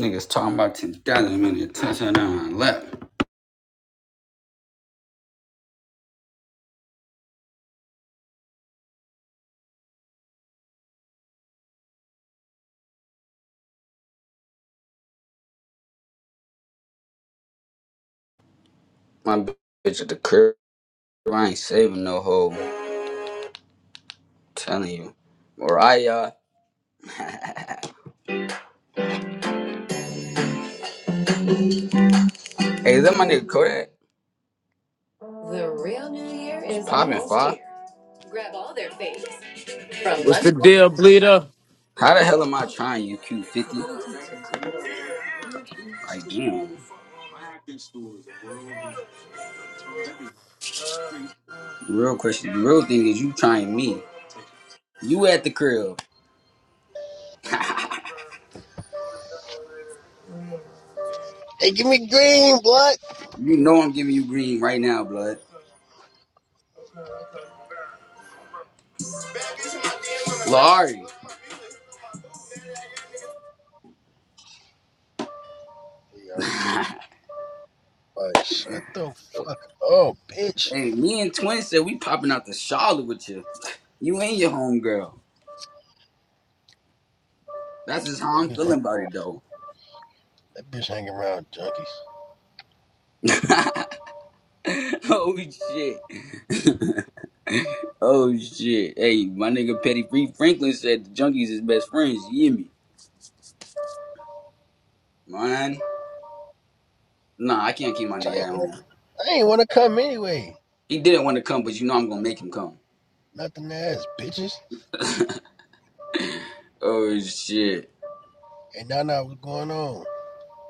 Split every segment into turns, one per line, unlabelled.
Niggas talking about 10,000 minutes, touchdown on my lap. My bitch at the crib, I ain't saving no hoe. I'm telling you. Mariah. hey, is that my nigga Kodak? The real new year is popping fire. Grab all their faves from
What's the
lunch.
deal, bleeder?
How the hell am I trying you, Q50? Like, damn. The real question, the real thing is you trying me. You at the crib.
Hey, give me green, blood.
you know I'm giving you green right now, blood. Larry.
Yeah, Like, shut the fuck up, bitch.
hey, me and Twin said we popping out to Charlotte with you. You ain't your homegirl. That's just how
That
I'm
bitch hanging.
feeling about
around.
it though.
That bitch hanging around junkies.
oh shit. oh shit. Hey, my nigga Petty Free Franklin said the junkies is best friends. You hear me? Man. Nah, I can't keep my
I
nigga
ain't,
at
wanna-
home.
I ain't wanna come anyway.
He didn't want to come, but you know I'm gonna make him come.
Nothing to ass, bitches.
oh shit.
And now now what's going on?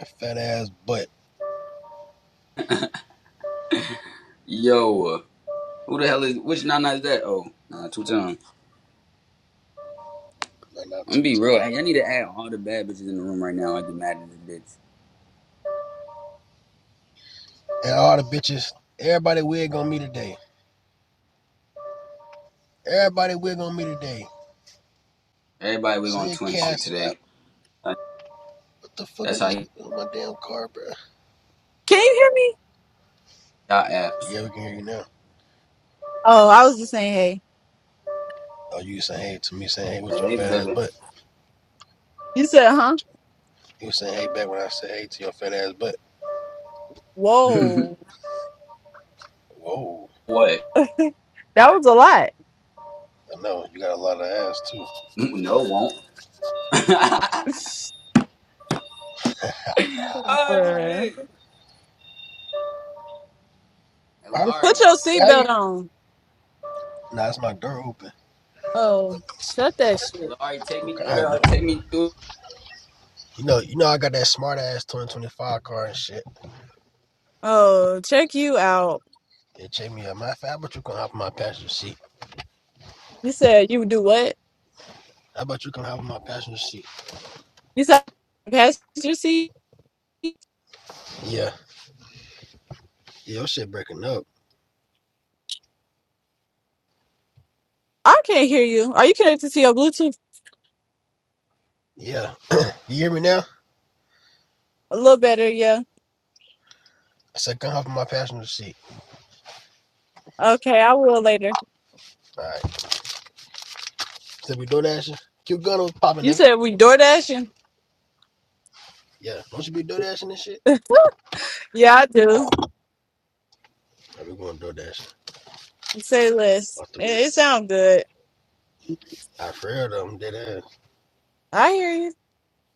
That fat ass butt.
Yo, uh, who the hell is which nana is that? Oh, nah, two times.
Not not
I'm gonna
two
be real.
times.
Hey, I need to add all the bad bitches in the room right now. I'd be mad at this bitch.
And all the bitches. Everybody wig on me today. Everybody wig on me today.
Everybody we
Send
gonna
your
twin
cash
shit
out.
today.
What the fuck is
That's
this
how
nigga on my damn car, bro?
Can you hear me?
Y'all apps.
Yeah, we can hear you now.
Oh, I was just saying, hey.
Oh, you saying hey to me saying hey with your
Hey,
fat ass
baby.
butt.
You said, huh?
You saying hey back when I said hey to your fat ass butt.
Whoa.
Whoa.
what?
That was a lot.
I know. You got a lot of ass too.
No, won't. oh
Bruh.
shit.
Why the fuck
Put
Elari.
your
are you?
seatbelt on.
Nah, it's my door open.
Oh, shut that shit.
Elari, take
Oh
me through
god. dude.
the, Take me through
You know, you know I got that smart ass 2025 car and shit.
Oh, check you out.
Yeah, check me out. Matter of fact, how about you come hop in my passenger seat?
You said you would do what?
How about you come hop in my passenger seat?
You said passenger seat?
Yeah. Yeah, your shit breaking up.
I can't hear you. Are you connected to your Bluetooth?
Yeah. You hear me now?
A little better, yeah.
I said come hop in my passenger seat.
Okay, I will later.
Alright. Still be door dashing? Cute gun was popping
You
nigga.
said we door dashing?
Yeah. Don't you be door dashing and shit?
Yeah, I do.
I be going door dashing.
Say less.
Off the
It,
rip.
it sounds good.
I for real though, I'm dead ass.
I hear you.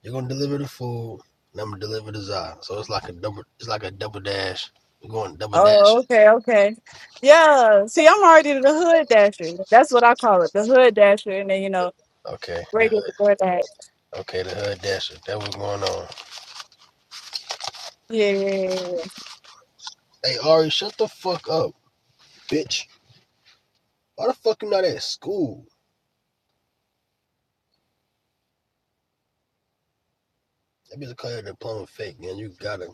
You're gonna deliver the food, and I'm gonna deliver the za. So it's like a double. It's like a double dash. We're going double
Oh,
dashing.
okay, okay. Yeah. See, I'm already the hood dasher. That's what I call it, the hood dasher, and then you know,
Okay, the
regular
hood.
DoorDash.
Okay, the hood dasher. That was going on.
Yeah, yeah, yeah. yeah, yeah.
Hey Ari, shut the fuck up, bitch. Why the fuck you not at school? That bitch call your diploma fake, man. You gotta.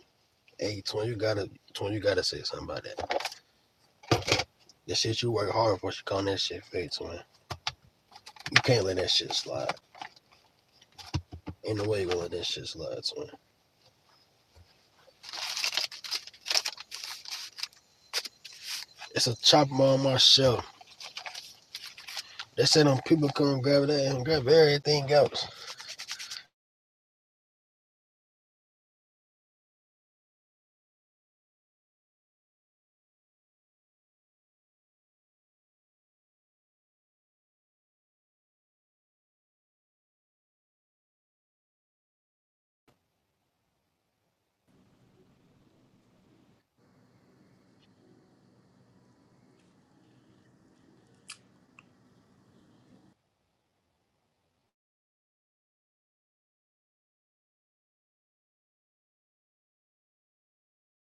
Hey, twin, you gotta, twin, you gotta say something about that. The shit you work hard for, you call that shit fake, twin. You can't let that shit slide. Ain't no way you gonna let that shit slide, twin. It's a chopper on my shelf. They said them people come grab that and grab everything else.